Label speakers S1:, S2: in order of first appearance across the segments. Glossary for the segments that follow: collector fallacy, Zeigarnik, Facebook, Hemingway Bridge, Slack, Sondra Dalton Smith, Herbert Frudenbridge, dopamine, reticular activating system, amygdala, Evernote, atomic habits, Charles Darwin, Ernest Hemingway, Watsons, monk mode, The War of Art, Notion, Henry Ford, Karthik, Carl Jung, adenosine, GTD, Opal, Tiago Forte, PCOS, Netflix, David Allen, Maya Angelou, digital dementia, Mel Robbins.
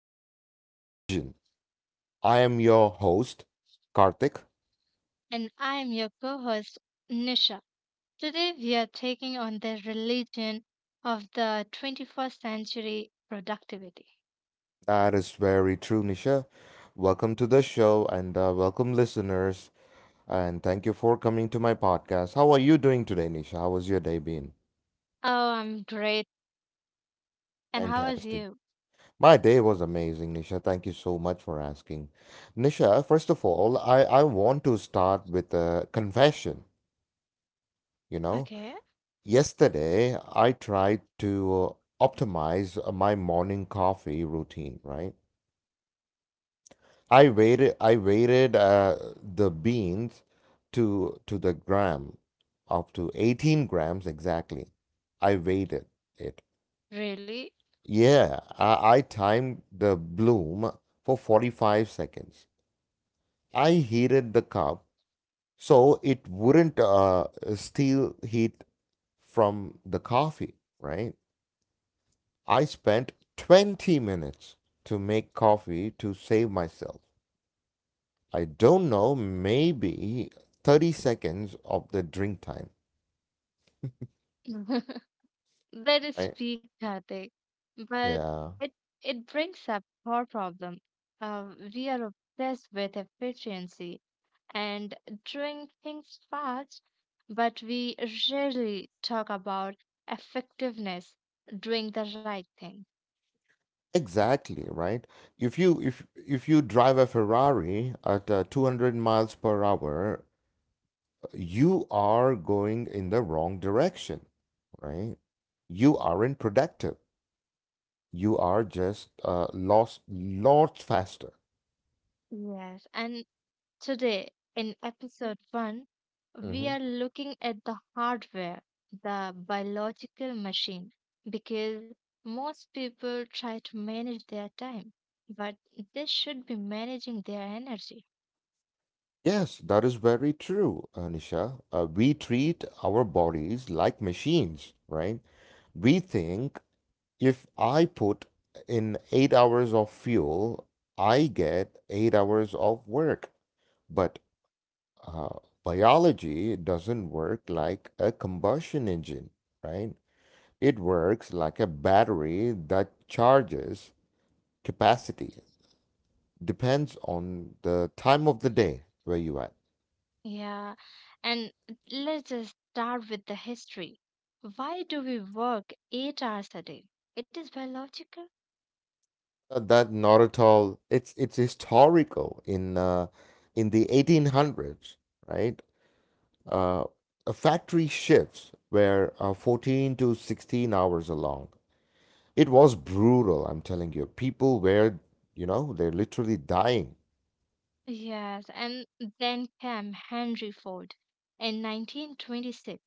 S1: to Engine. I am your host, Karthik.
S2: And I'm your co host, Nisha. Today, we are taking on the religion of the 21st century productivity.
S1: That is very true, Nisha. Welcome to the show and welcome, listeners. And thank you for coming to my podcast. How are you doing today, Nisha? How was your day been?
S2: Oh, I'm great. And how was
S1: Fantastic.
S2: you?
S1: My day was amazing, Nisha. Thank you so much for asking. Nisha, first of all, I want to start with a confession. You know,
S2: Okay,
S1: Yesterday, I tried to optimize my morning coffee routine, right? I weighted the beans to the gram, up to 18 grams exactly. I weighted it.
S2: really?
S1: Yeah, I timed the bloom for 45 seconds. I heated the cup so it wouldn't steal heat from the coffee, right? I spent 20 minutes to make coffee to save myself. I don't know, maybe 30 seconds of the drink time,
S2: That is
S1: right?
S2: peak Karthik. But
S1: Yeah.
S2: it it brings up our problem. Uh, we are obsessed with efficiency and doing things fast, but we rarely talk about effectiveness, doing the right thing.
S1: Exactly, right? If you drive a Ferrari at 200 miles per hour, you are going in the wrong direction, right? You aren't productive. You are just lost lots faster.
S2: Yes, and today in episode one, we
S1: Mhm.
S2: are looking at the hardware, the biological machine, because most people try to manage their time, but they should be managing their energy.
S1: Yes, that is very true, Anisha. We treat our bodies like machines, right? We think if I put in 8 hours of fuel, I get 8 hours of work. But uh, biology doesn't work like a combustion engine, right? It works like a battery that charges capacity, depends on the time of the day where you are.
S2: Yeah, and let's just start with the history. Why do we work 8 hours a day? It is biological.
S1: That not at all. It's historical in the 1800s, right? Uh, a factory shifts were 14 to 16 hours long. It was brutal, I'm telling you. People were, you know, they're literally dying.
S2: Yes, and then came Henry Ford in 1926.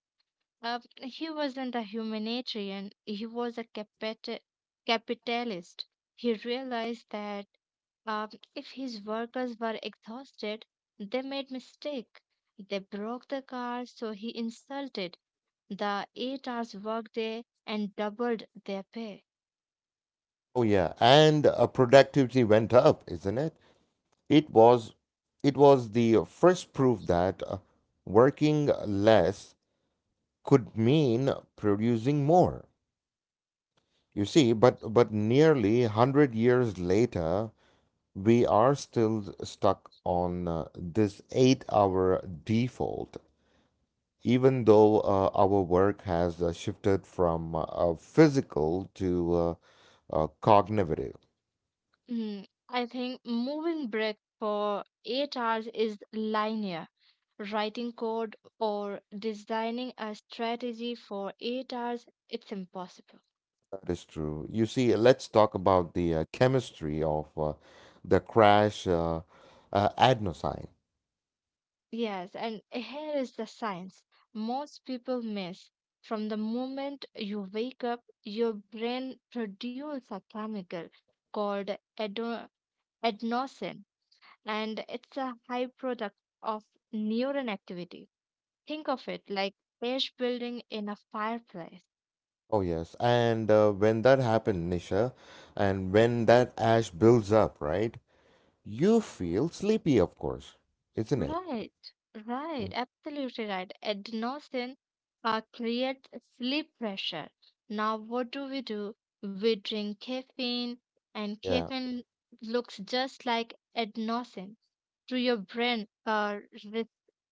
S2: He wasn't a humanitarian, he was a capitalist. He realized that uh, if his workers were exhausted, they made mistake. They broke the car, so he insulted the 8 hours workday and doubled their pay.
S1: Oh yeah, and productivity went up, isn't it? It was it was the first proof that working less could mean producing more. You see, but nearly 100 years later, we are still stuck on this 8-hour default, even though our work has shifted from physical to cognitive.
S2: Mm, I think moving brick for 8 hours is linear. Writing code or designing a strategy for 8 hours, it's impossible.
S1: That is true. You see, let's talk about the chemistry of the crash adenosine.
S2: Yes, and here is the science most people miss. From the moment you wake up, your brain produces a chemical called ado- adenosine, and it's a high product of neuron activity. Think of it like ash building in a fireplace.
S1: Oh, yes. And when that happened, Nisha, and when that ash builds up, right? You feel sleepy, of course, isn't it?
S2: Right, right,
S1: Mm.
S2: absolutely right. Adenosine creates sleep pressure. Now, what do? We drink caffeine, and
S1: Yeah.
S2: caffeine looks just like adenosine to your brain re-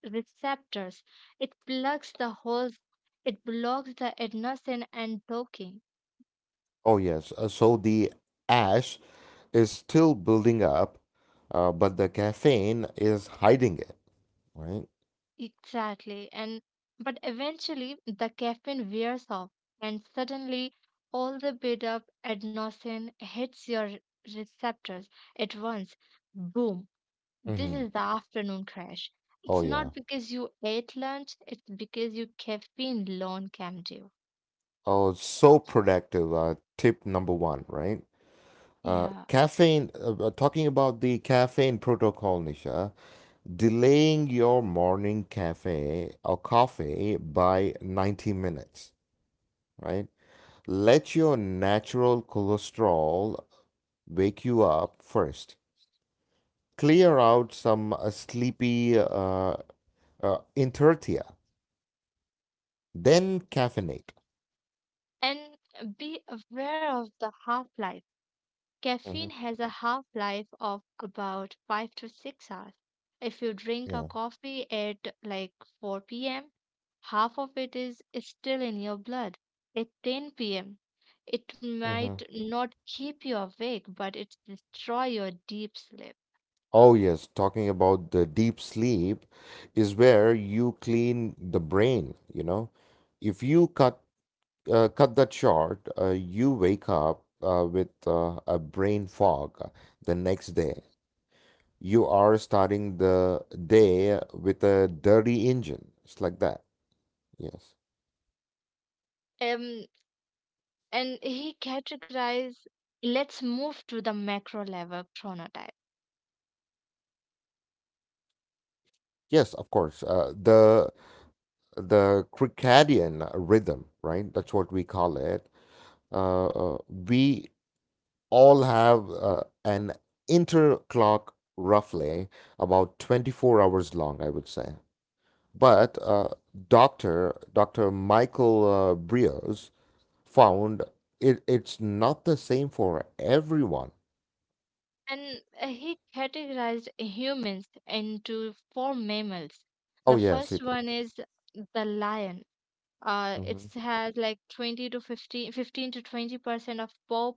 S2: receptors. It blocks the holes, it blocks the adenosine and docking.
S1: Oh, yes. So the ash is still building up, but the caffeine is hiding it, right?
S2: Exactly. And but eventually the caffeine wears off, and suddenly all the built up adenosine hits your receptors at once. Boom. This
S1: Hmm.
S2: is the afternoon crash.
S1: Oh,
S2: It's
S1: yeah.
S2: not because you ate lunch, it's because your caffeine alone came due.
S1: Oh, so productive. Tip number one, right?
S2: Yeah.
S1: Talking about the caffeine protocol, Nisha, delaying your morning cafe or coffee by 90 minutes, right? Let your natural cholesterol wake you up first. Clear out some sleepy inertia, then caffeinate.
S2: And be aware of the half life. Caffeine
S1: Mhm.
S2: has a half life of about 5 to 6 hours. If you drink a
S1: Yeah.
S2: coffee at like 4 p.m., half of it is still in your blood. At 10 p.m., it
S1: Hmm.
S2: might not keep you awake, but it destroy your deep sleep.
S1: Oh, yes. Talking about the deep sleep is where you clean the brain, you know. If you cut that short, you wake up with a brain fog the next day. You are starting the day with a dirty engine. It's like that. Yes.
S2: Um, and he categorized, let's move to the macro level chronotype.
S1: Yes, of course. The circadian rhythm, right? That's what we call it. We all have an interclock roughly about 24 hours long, I would say. But Dr. Michael Brios found it, it's not the same for everyone.
S2: And he categorized humans into four mammals.
S1: Oh,
S2: The
S1: yes,
S2: first
S1: it.
S2: one is the lion. It has like 20 to 15, 15 to 20% of pop,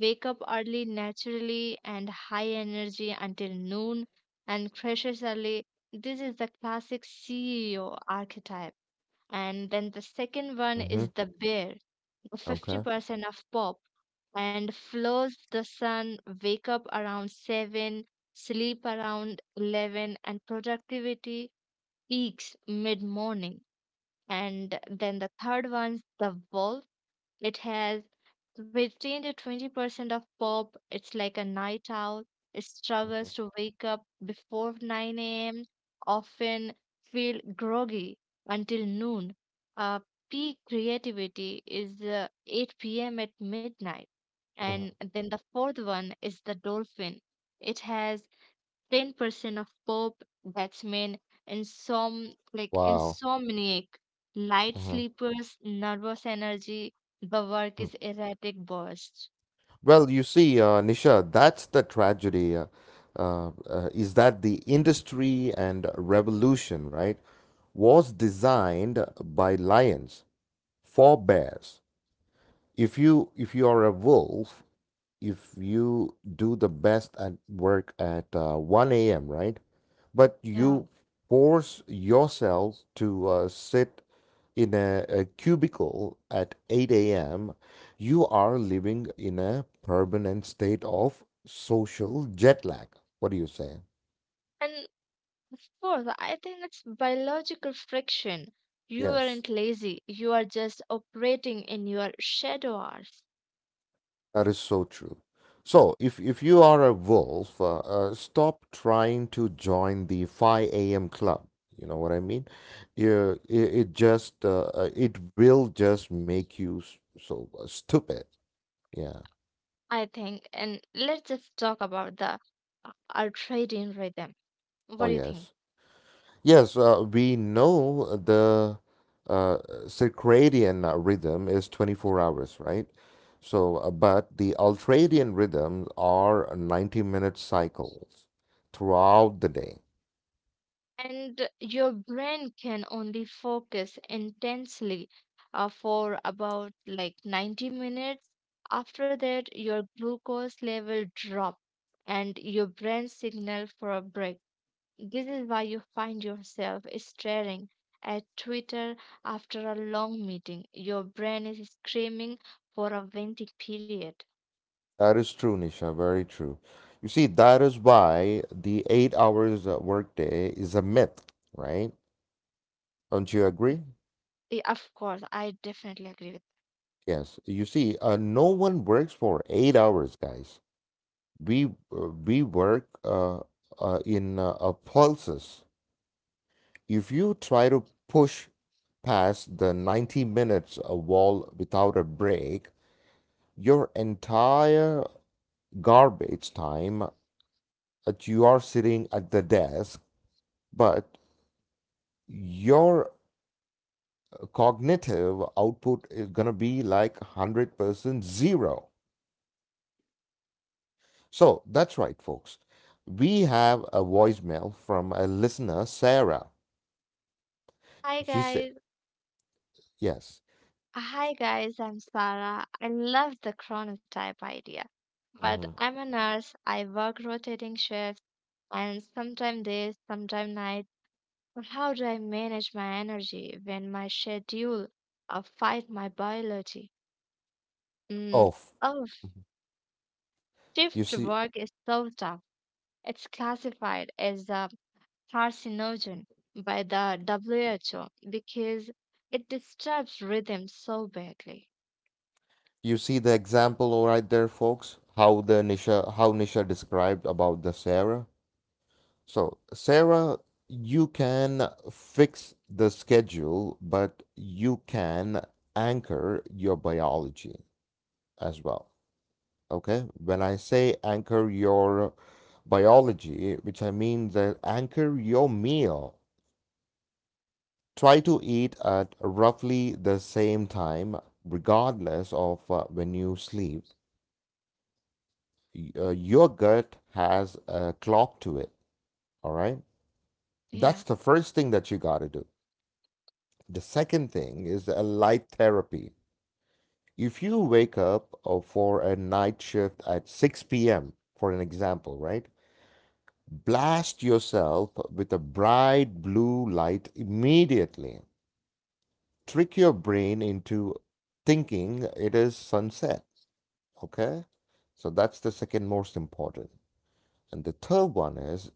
S2: wake up early naturally and high energy until noon, and crashes early. This is the classic CEO archetype. And then the second one
S1: Mm-hmm.
S2: is the bear.
S1: Okay.
S2: 50% of pop and flows the sun, wake up around 7, sleep around 11, and productivity peaks mid morning. And then the third one's the it has 15 to 20% of pop. It's like a night owl. It
S1: Mm-hmm.
S2: struggles to wake up before 9 a.m., often feel groggy until noon. Uh, Peak creativity is 8 p.m. at midnight. And
S1: Hmm.
S2: then the fourth one is the dolphin. It has 10% of pop batsmen, insom like
S1: Wow.
S2: insomniac, light
S1: Hmm.
S2: sleepers, nervous energy. The work
S1: Hmm.
S2: is erratic bursts.
S1: Well, you see, Nisha, that's the tragedy. Is that the industry and revolution, right, was designed by lions for bears. If you are a wolf, if you do the best at work at 1 a.m., right, but
S2: Yeah,
S1: you force yourself to sit in a cubicle at 8 a.m., you are living in a permanent state of social jet lag. What do you say?
S2: and fourth, I think it's biological friction. You
S1: Yes,
S2: aren't lazy. You are just operating in your shadow hours.
S1: that is so true. So, if you are a wolf, stop trying to join the 5 a.m. club. You know what I mean? It just it will just make you stupid. Yeah.
S2: I think, and let's just talk about the ultra rhythm. What
S1: Oh
S2: do you think?
S1: yes. Yes, we know the uh, circadian rhythm is 24 hours, right? So, but the ultradian rhythms are 90-minute cycles throughout the day.
S2: And your brain can only focus intensely for about like 90 minutes. After that, your glucose level drop and your brain signal for a break. This is why you find yourself staring at Twitter after a long meeting. Your brain is screaming for a venting period.
S1: That is true, Nisha, very true. You see, that is why the 8 hours workday is a myth, right? Don't you agree?
S2: Eh, of course I definitely agree with.
S1: Yes. You see, no one works for 8 hours, guys. We work in pulses. If you try to push past the 90 minutes a wall without a break, your entire garbage time that you are sitting at the desk, but your cognitive output is going to be like 100% zero. So that's right, folks. We have a voicemail from a listener, Sarah.
S2: Hi
S1: She said,
S2: guys.
S1: yes.
S2: Hi guys, I'm Sarah. I love the chronotype idea. But
S1: Mhm.
S2: I'm a nurse, I work rotating shifts, and sometimes days, sometimes nights. But how do I manage my energy when my schedule fight my biology? Mm,
S1: Oh,
S2: oh, shift
S1: you see,
S2: work is so tough. It's classified as a carcinogen by the WHO because it disturbs rhythm so badly.
S1: you see the example right there, folks. How Nisha described about the Sarah. So Sarah, you can fix the schedule, but you can anchor your biology as well. Okay. When I say anchor your biology, which I mean that anchor your meal. Try to eat at roughly the same time, regardless of when you sleep. Your gut has a clock to it, all right?
S2: Yeah.
S1: That's the first thing that you got to do. The second thing is a light therapy. If you wake up for a night shift at 6 p.m., for an example, right? Blast yourself with a bright blue light immediately. Trick your brain into thinking it is sunset. Okay? So that's the second most important. And the third one is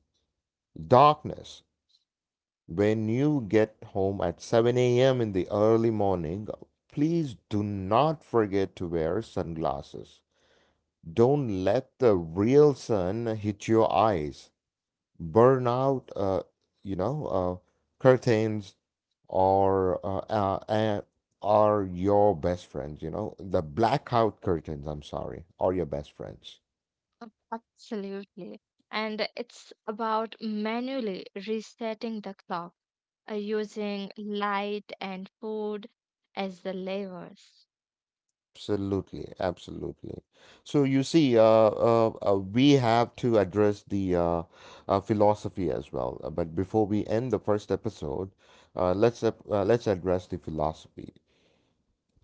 S1: darkness. When you get home at 7 a.m. in the early morning, please do not forget to wear sunglasses. Don't let the real sun hit your eyes. Burn out, you know, uh, curtains or are your best friends, you know, the blackout curtains, I'm sorry, are your best friends.
S2: Absolutely. And it's about manually resetting the clock, using light and food as the levers.
S1: Absolutely, absolutely. So you see, we have to address the philosophy as well. But before we end the first episode, let's address the philosophy.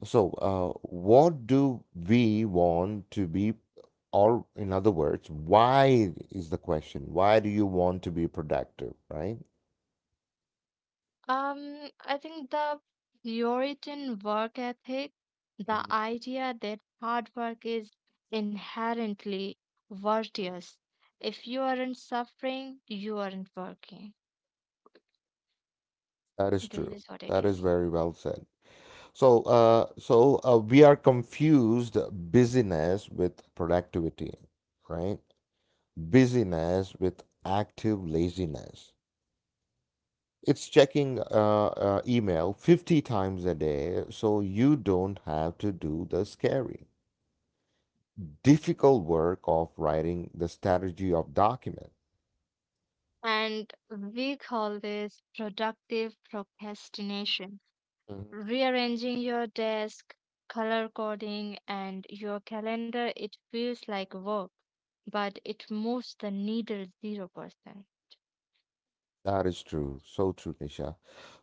S1: So, what do we want to be, or in other words, why is the question? Why do you want to be productive, right?
S2: I think the Puritan work ethic, the
S1: Mhm.
S2: idea that hard work is inherently virtuous. If you aren't suffering, you aren't working.
S1: That is
S2: This
S1: true.
S2: is what it
S1: That is
S2: is.
S1: very well said. So we are confused busyness with productivity, right? Busyness with active laziness. It's checking email 50 times a day so you don't have to do the scary, difficult work of writing the strategy of document.
S2: And we call this productive procrastination, rearranging your desk, color coding, and your calendar. It feels like work, but it moves the needle 0%.
S1: That is true. So true, Nisha.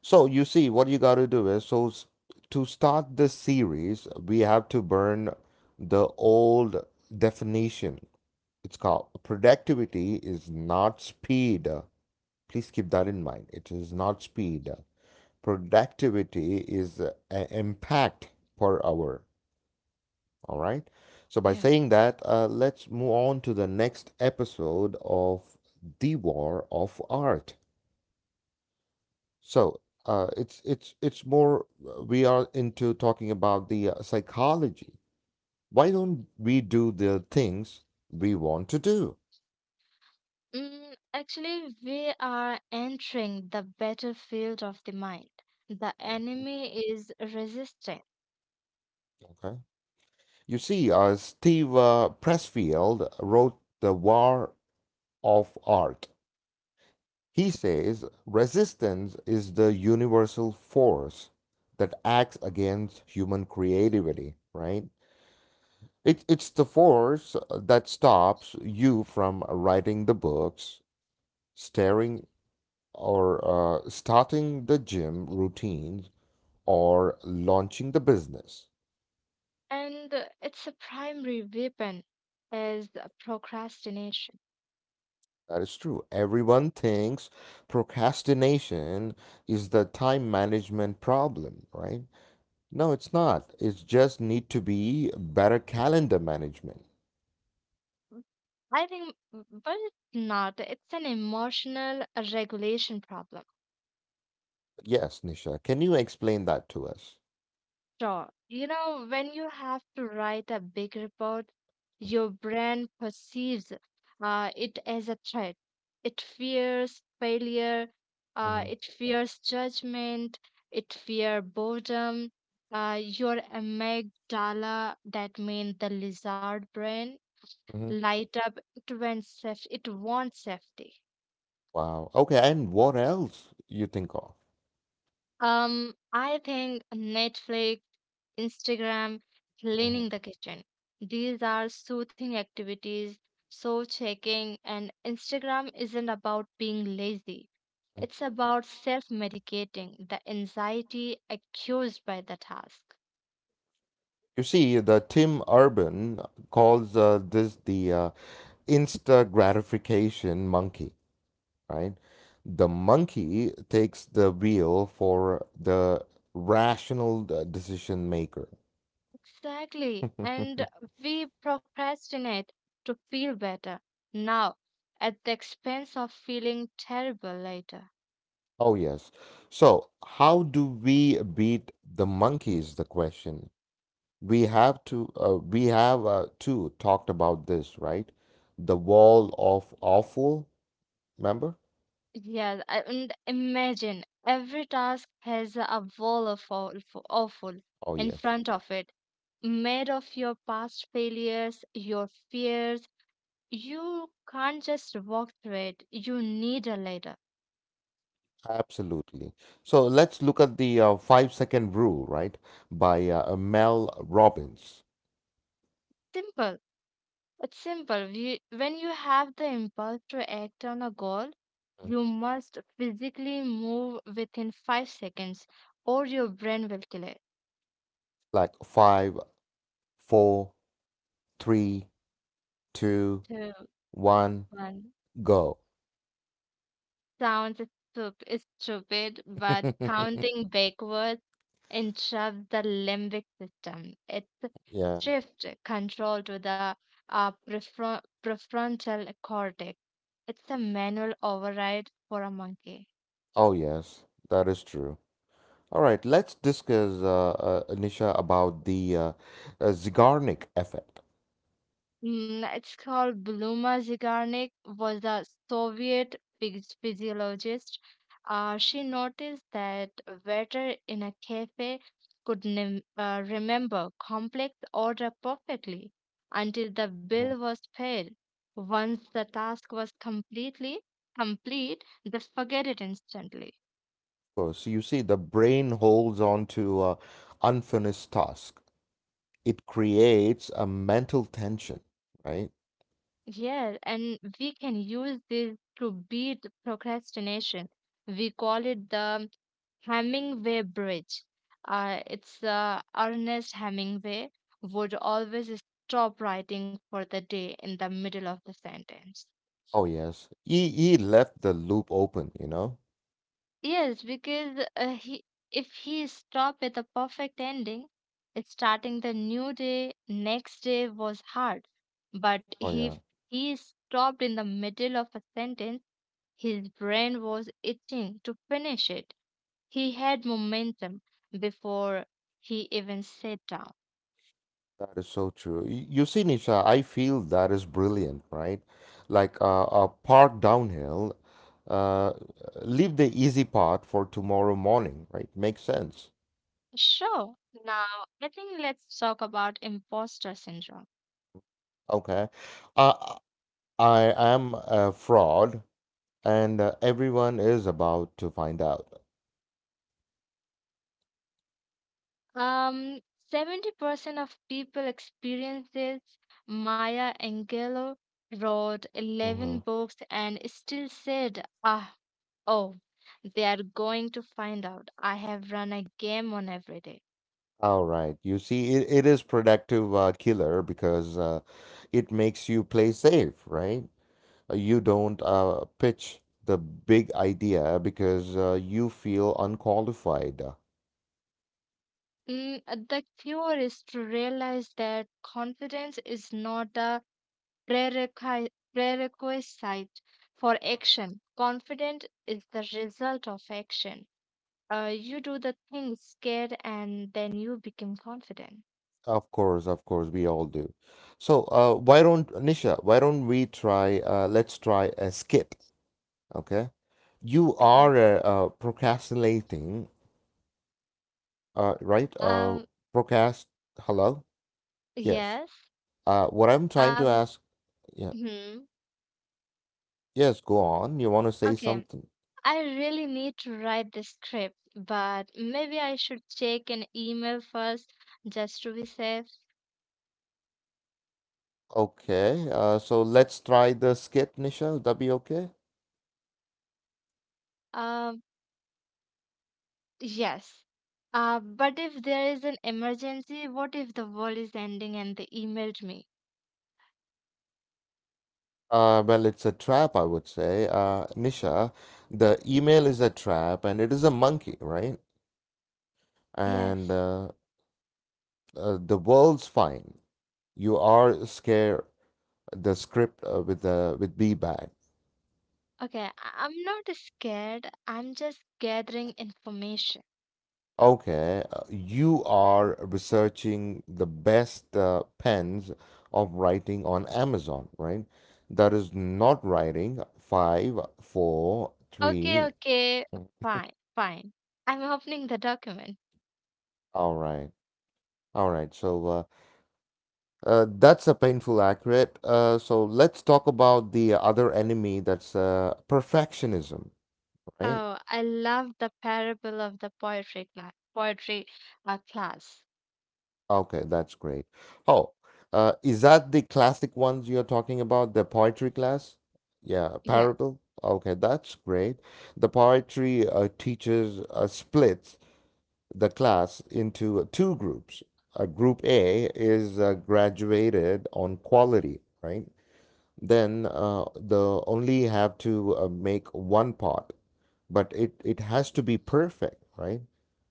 S1: So you see, what you got to do is to start this series, we have to burn the old definition. It's called productivity is not speed. Please keep that in mind. It is not speed. Productivity is a impact per hour. All right. So by
S2: Yeah.
S1: saying that, let's move on to the next episode of The War of Art. So, it's more we are into talking about the psychology. Why don't we do the things we want to do?
S2: Mm, actually, we are entering the battlefield of the mind. The enemy is resisting,
S1: Okay. You see, Steve Pressfield wrote The War of Art. He says resistance is the universal force that acts against human creativity, right? It's the force that stops you from writing the books, staring or starting the gym routines or launching the business.
S2: and its a primary weapon is the procrastination.
S1: That is true. Everyone thinks procrastination is the time management problem, right? No, it's not. It's just need to be better calendar management.
S2: I think, but it's not. It's an emotional regulation problem.
S1: Yes, Nisha, can you explain that to us?
S2: Sure. You know, when you have to write a big report, your brain perceives it as a threat. It fears failure,
S1: Mm-hmm.
S2: it fears judgment, it fears boredom. Your amygdala, that means the lizard brain, light up. It wants safety. It wants safety.
S1: Wow. Okay, and what else you think of?
S2: I think Netflix, Instagram,
S1: Mm-hmm.
S2: cleaning the kitchen. These are soothing activities, so checking, and Instagram isn't about being lazy. It's about self-medicating the anxiety accused by the task.
S1: You see, the Tim Urban calls this the insta gratification monkey, right? The monkey takes the wheel for the rational decision maker.
S2: Exactly. And we procrastinate to feel better now at the expense of feeling terrible later.
S1: Oh, yes. So, how do we beat the monkey is the question. We have too talked about this, right? The wall of awful, remember?
S2: Yes, and imagine every task has a wall of awful
S1: Oh,
S2: in
S1: yes.
S2: front of it, made of your past failures, your fears. You can't just walk through it. You need a ladder.
S1: Absolutely. So let's look at the 5-second rule, right? By Mel Robbins.
S2: Simple. It's simple. When you have the impulse to act on a goal,
S1: Mhm.
S2: you must physically move within 5 seconds, or your brain will kill it.
S1: Like five, four, three, two,
S2: Two,
S1: one,
S2: one.
S1: go.
S2: Sounds stupid, but counting backwards interrupts the limbic system. It
S1: Yeah.
S2: shifts control to the prefrontal cortex. It's a manual override for a monkey.
S1: Oh, yes, that is true. All right, let's discuss, Nisha, about the Zeigarnik effect.
S2: Mm, it's called Bluma Zygarnik was a Soviet physiologist. She noticed that waiter in a cafe could remember complex order perfectly until the
S1: Mhm.
S2: bill
S1: Of
S2: was paid. Once the task was complete, they forget it instantly.
S1: course, you see, the brain holds on to unfinished task. It creates a mental tension, right?
S2: Yeah, and we can use this to beat procrastination. We call it the Hemingway Bridge. It's Ernest Hemingway would always stop writing for the day in the middle of the sentence.
S1: Oh yes, he left the loop open, you know.
S2: Yes, because he if he stopped with a perfect ending, starting the new day next day was hard. But
S1: Oh
S2: if
S1: yeah,
S2: he stopped in the middle of a sentence, his brain was itching to finish it. He had momentum before he even sat down.
S1: that is so true. You see, Nisha, I feel that is brilliant, right? Like a park downhill, uh, leave the easy part for tomorrow morning, right? Makes sense.
S2: Sure. Now, I think let's talk about imposter syndrome.
S1: Okay, uh, I am a fraud, and everyone is about to find out.
S2: Um, 70% of people experience this. Maya Angelou wrote
S1: Hmm.
S2: 11 books and still said, ah, oh, they are going to find out. I have run a game on every day.
S1: All right. You see, it is productive killer because it makes you play safe, right? You don't pitch the big idea because you feel unqualified.
S2: Mm, the cure is to realize that confidence is not a prerequisite for action. Confident is the result of action. You do the things scared and then you become confident.
S1: Of course, we all do. So, why don't, Nisha, why don't we try, let's try a skit, okay? You
S2: Okay.
S1: are procrastinating, right?
S2: Um,
S1: Procrast, hello? Yes.
S2: yes.
S1: What I'm trying to
S2: Um,
S1: ask, yeah,
S2: hmm.
S1: yes, go on. You want to say
S2: Okay.
S1: something?
S2: I really need to write the script, but maybe I should check an email first just to be safe.
S1: Okay, so let's try the skit, Nisha. Would that be okay?
S2: Um, yes. But if there is an emergency, what if the world is ending and they emailed me?
S1: Well, it's a trap, I would say. Nisha, the email is a trap and it is a monkey, right? And
S2: Yes.
S1: the world's fine. You are scared. The script with the with B bag.
S2: Okay. I'm not scared. I'm just gathering information.
S1: Okay, you are researching the best pens of writing on Amazon, right? That is not writing. Five, four,
S2: Okay,
S1: three.
S2: okay. Fine, fine. I'm opening the document.
S1: All right. All right. So, that's a painful accurate. So let's talk about the other enemy. That's perfectionism, right?
S2: Oh, I love the parable of the poetry class.
S1: Okay, that's great. Oh, is that the classic ones you're talking about? The poetry class? Yeah,
S2: Yes.
S1: parable. Okay, that's great. The poetry teaches splits the class into two groups. Group A is graduated on quality, right? Then the only have to make one part, but it has to be perfect, right?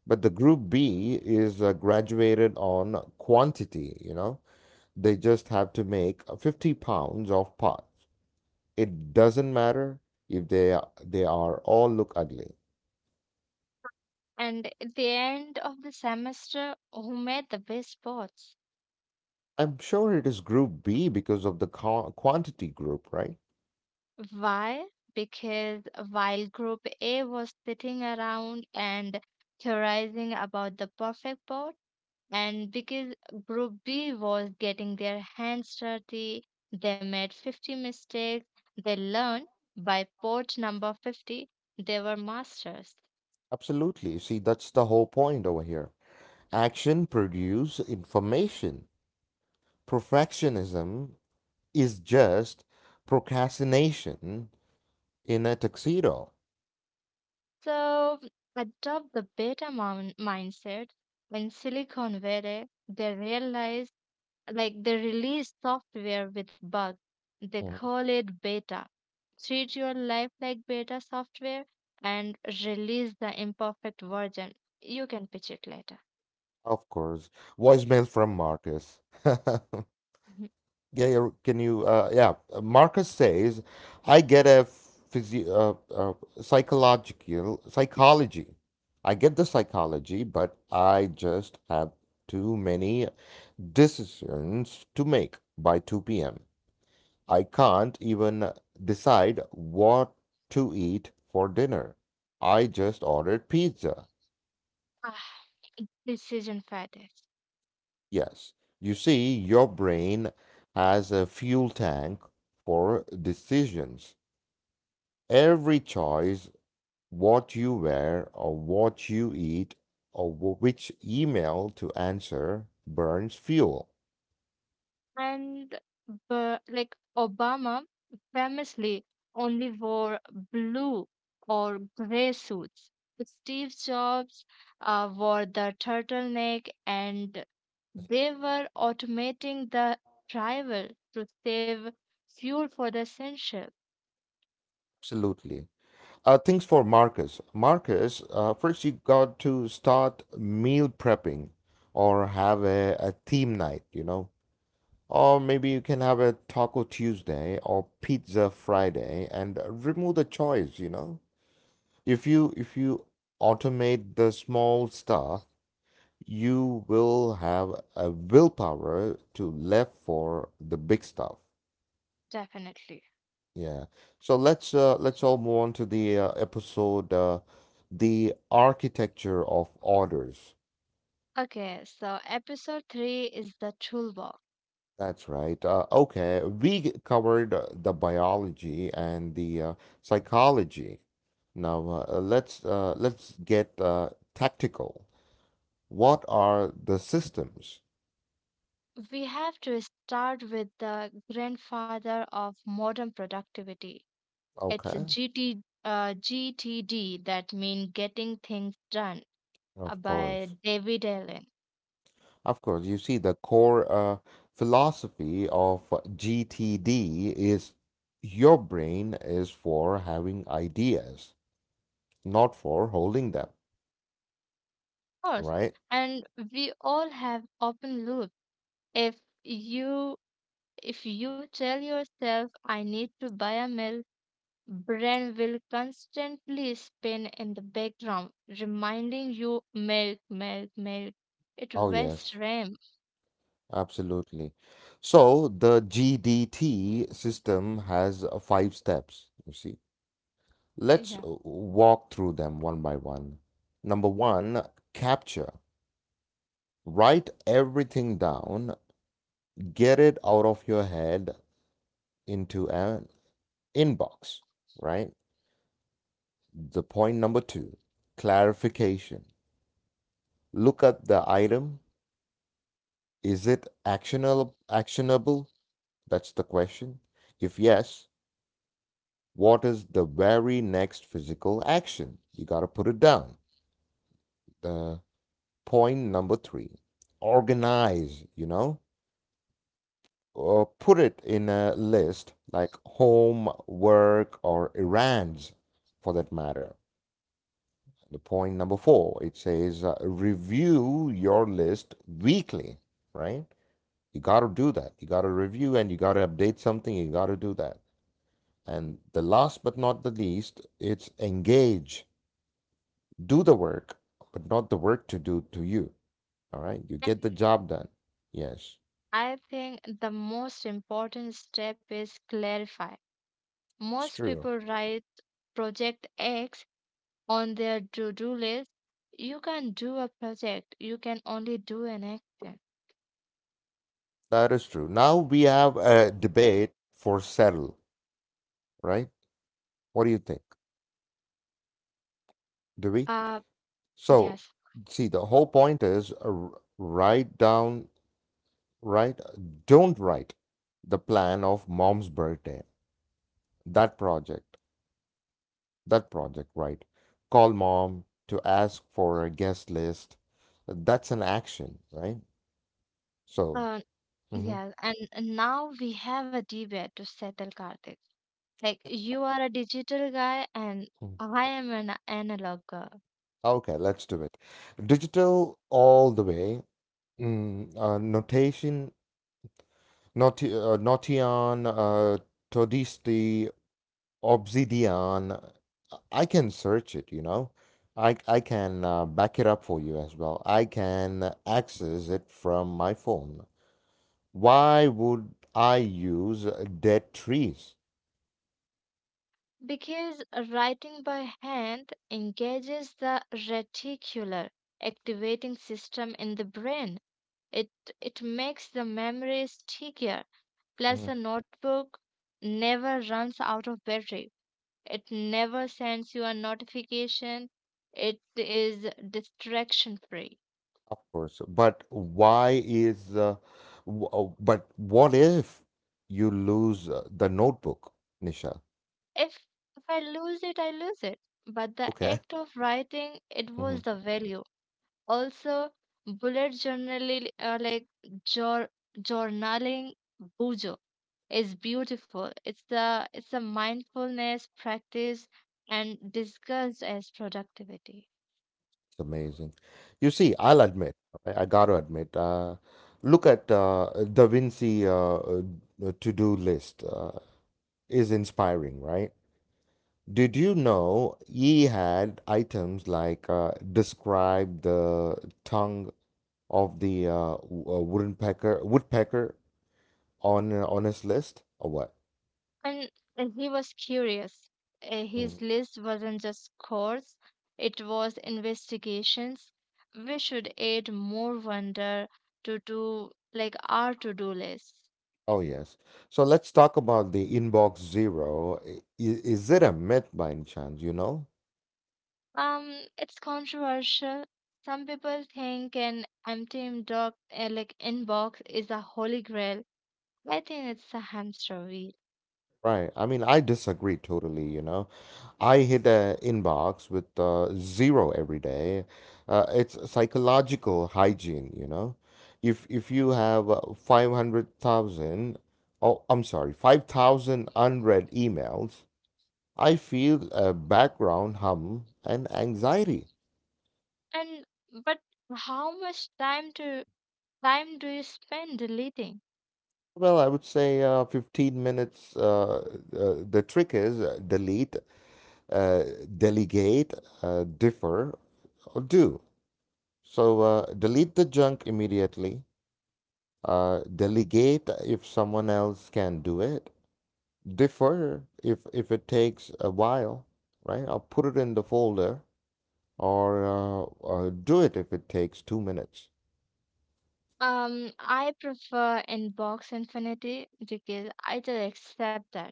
S1: But the group B is graduated on quantity, you know, they just have to make 50 pounds of parts. It doesn't matter if they are all look ugly.
S2: And at the end of the semester, who made the best spots?
S1: I'm sure it is group B because of the quantity group, right?
S2: Why? Because while group A was sitting around and theorizing about the perfect pot, and because Group B was getting their hands dirty, they made 50 mistakes. They learned by port number 50, they were masters.
S1: Absolutely. See, that's the whole point over here. Action produce information. Perfectionism is just procrastination in a tuxedo.
S2: So adopt the beta mindset in Silicon Valley. They realized, like, they release software with bugs. They
S1: Mhm.
S2: call it beta. Treat your life like beta software and release the imperfect version. You can pitch it later.
S1: Of course. Voicemail from Marcus. Yeah,
S2: Mhm.
S1: yeah, can you? Yeah, Marcus says, I get a physio, psychological psychology. I get the psychology, but I just have too many decisions to make by 2 p.m. I can't even decide what to eat for dinner. I just ordered pizza.
S2: I decision fatigue.
S1: Yes. You see, your brain has a fuel tank for decisions. Every choice, what you wear or what you eat or which email to answer, burns fuel.
S2: And but like Obama famously only wore blue or gray suits. Steve Jobs wore the turtleneck, and they were automating the driver to save fuel for the essential.
S1: Absolutely. Things for Marcus. Marcus, first you got to start meal prepping or have a theme night, you know. Or maybe you can have a Taco Tuesday or Pizza Friday and remove the choice, you know. If you automate the small stuff, you will have a willpower to left for the big stuff.
S2: Definitely.
S1: Yeah. So let's all move on to the episode The Architecture of Orders.
S2: Okay, so episode three is the toolbox.
S1: That's right. Okay, we covered the biology and the psychology. Now let's get tactical. What are the systems?
S2: We have to start with the grandfather of modern productivity. It's
S1: Okay,
S2: GT, GTD that mean Getting Things Done
S1: of
S2: by
S1: course.
S2: David Allen.
S1: Of course, you see, the core philosophy of GTD is your brain is for having ideas, not for holding them,
S2: Of course.
S1: right?
S2: And we all have open loop. If you tell yourself I need to buy a mill, brain will constantly spin in the background, reminding you milk, milk, milk. It
S1: Oh,
S2: wastes
S1: yes,
S2: RAM.
S1: absolutely. So the GDT system has five steps, you see. Let's
S2: Yeah.
S1: walk through them one by one. Number one, capture. Write everything down, get it out of your head into an inbox, right? The point number two, clarification. Look at the item. Is it actionable? Actionable? That's the question. If yes, what is the very next physical action? You got to put it down. The point number three, organize, you know, or put it in a list like home, work, or errands for that matter. The point number four, it says review your list weekly, right? You got to do that. You got to review and you got to update something. You got to do that. And the last but not the least, it's engage. Do the work, but not the work to do to you. All right. You
S2: And
S1: get the job done. Yes,
S2: I think the most important step is clarify.
S1: it's
S2: Most
S1: true,
S2: people write project X on their to do list. You can't do a project, you can only do an action.
S1: that is true. Now we have a debate for settle, right? What do you think? Do we?
S2: Uh,
S1: So,
S2: yes,
S1: see, the whole point is write down, right? Don't write the plan of mom's birthday. That project, that project, right? Call mom to ask for a guest list. That's an action, right? So,
S2: uh,
S1: mhm,
S2: yes, and now we have a debate to settle, Karthik. Like, you are a digital guy, and
S1: mhm,
S2: I am an analog girl.
S1: okay, let's do it. Digital all the way. Mm, notation, noti notion, todisti, Obsidian. I can search it, you know. I can back it up for you as well. I can access it from my phone. Why would I use dead trees?
S2: Because writing by hand engages the reticular activating system in the brain. It it makes the memory stickier. Plus,
S1: Mhm.
S2: a notebook never runs out of battery. It never sends you a notification. It is distraction free.
S1: Of course, but but what if you lose the notebook, Nisha?
S2: If if I lose it, I lose it. But the
S1: Okay.
S2: act of writing, it was the value. Also, bullet journaling, like jour- journaling, bujo is beautiful. It's a mindfulness practice and discussed as productivity.
S1: It's amazing. You see, I'll admit, I got to admit, look at Da Vinci to-do list is inspiring, right? Did you know he had items like describe the tongue of the woodpecker on his list or what?
S2: And he was curious.
S1: Mm.
S2: His list wasn't just scores, it was investigations. We should add more wonder to do like our to-do list.
S1: Oh yes. So let's talk about the inbox zero. Is it a myth by any chance, you know?
S2: Um, it's controversial. Some people think an empty inbox, like inbox is a holy grail. I think it's a hamster wheel.
S1: Right. I mean, I disagree totally, you know. I hit the inbox with zero every day. It's psychological hygiene, you know. If you have 500,000, oh, I'm sorry, 5,000 unread emails, I feel a background hum and anxiety.
S2: And but how much time do you spend deleting?
S1: Well, I would say 15 minutes. The trick is delete, uh, delegate, differ, or do. So delete the junk immediately. Delegate if someone else can do it. Defer if it takes a while, right? I'll put it in the folder or do it if it takes 2 minutes.
S2: I prefer inbox infinity because I just accept that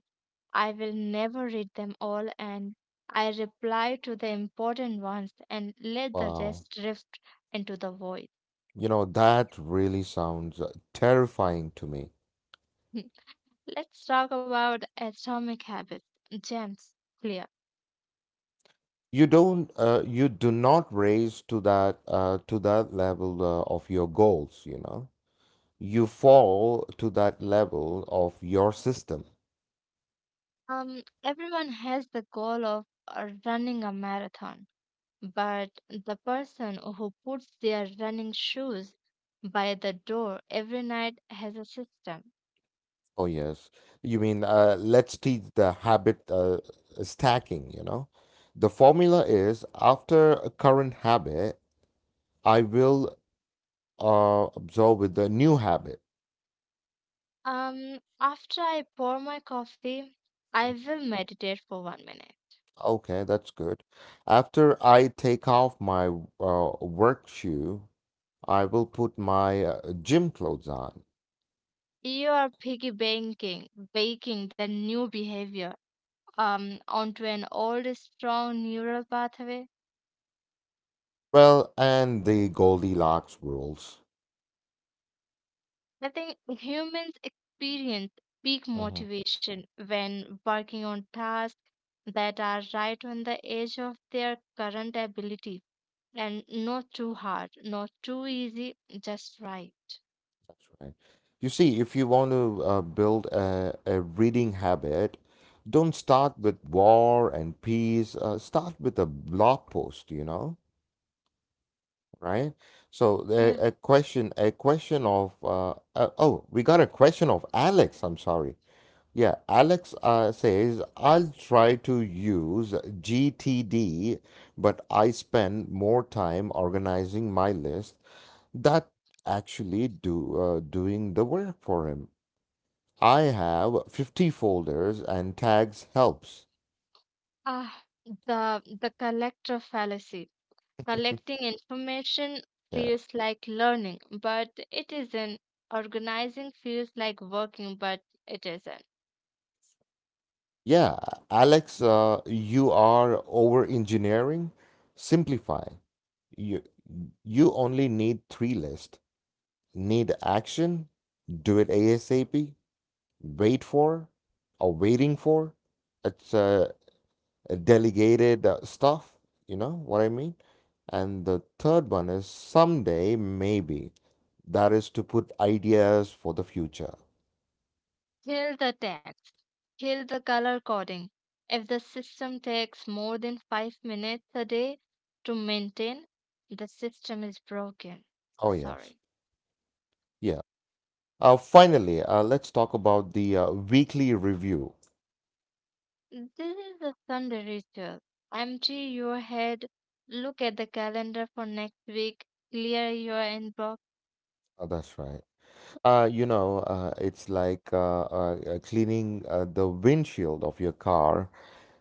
S2: I will never read them all, and I reply to the important ones and let the
S1: Wow,
S2: rest drift into the void.
S1: you know that really sounds terrifying to me.
S2: Let's talk about atomic habits. Gems, clear.
S1: You don't, you do not raise to that level of your goals. You know, you fall to that level of your system.
S2: Everyone has the goal of running a marathon, but the person who puts their running shoes by the door every night has a system.
S1: Oh, yes. You mean let's teach the habit stacking, you know? The formula is after a current habit, I will absorb with the new habit.
S2: After I pour my coffee, I will meditate for 1 minute.
S1: Okay, that's good. After I take off my work shoe, I will put my gym clothes on.
S2: You are baking the new behavior onto an old strong neural pathway.
S1: Well, and the Goldilocks rules.
S2: I think humans experience peak motivation when working on tasks that are right on the edge of their current ability, and not too hard, not too easy, just right.
S1: Right. You see, if you want to build a reading habit, don't start with War and Peace. Start with a blog post, you know, right? So
S2: Yeah.
S1: a question of, oh, we got a question of Alex. I'm sorry. Yeah, Alex says, I'll try to use GTD, but I spend more time organizing my list. That actually do doing the work for him. I have 50 folders and tags helps.
S2: Ah, the collector fallacy. Collecting information
S1: Yeah.
S2: feels like learning, but it isn't. Organizing feels like working, but it isn't.
S1: Yeah, Alex, you are over engineering. Simplify. You you only need three lists. Need action, do it ASAP, wait for, or waiting for. It's delegated stuff, you know what I mean? And the third one is someday, maybe. That is to put ideas for the future.
S2: Kill the text. Kill the color coding. If the system takes more than 5 minutes a day to maintain, the system is broken.
S1: Oh, yes.
S2: Sorry.
S1: Yeah. Finally, let's talk about the weekly review.
S2: Mm, this is the Sunday ritual. Empty your head, look at the calendar for next week, clear your inbox.
S1: That's right. You know, it's like cleaning the windshield of your car.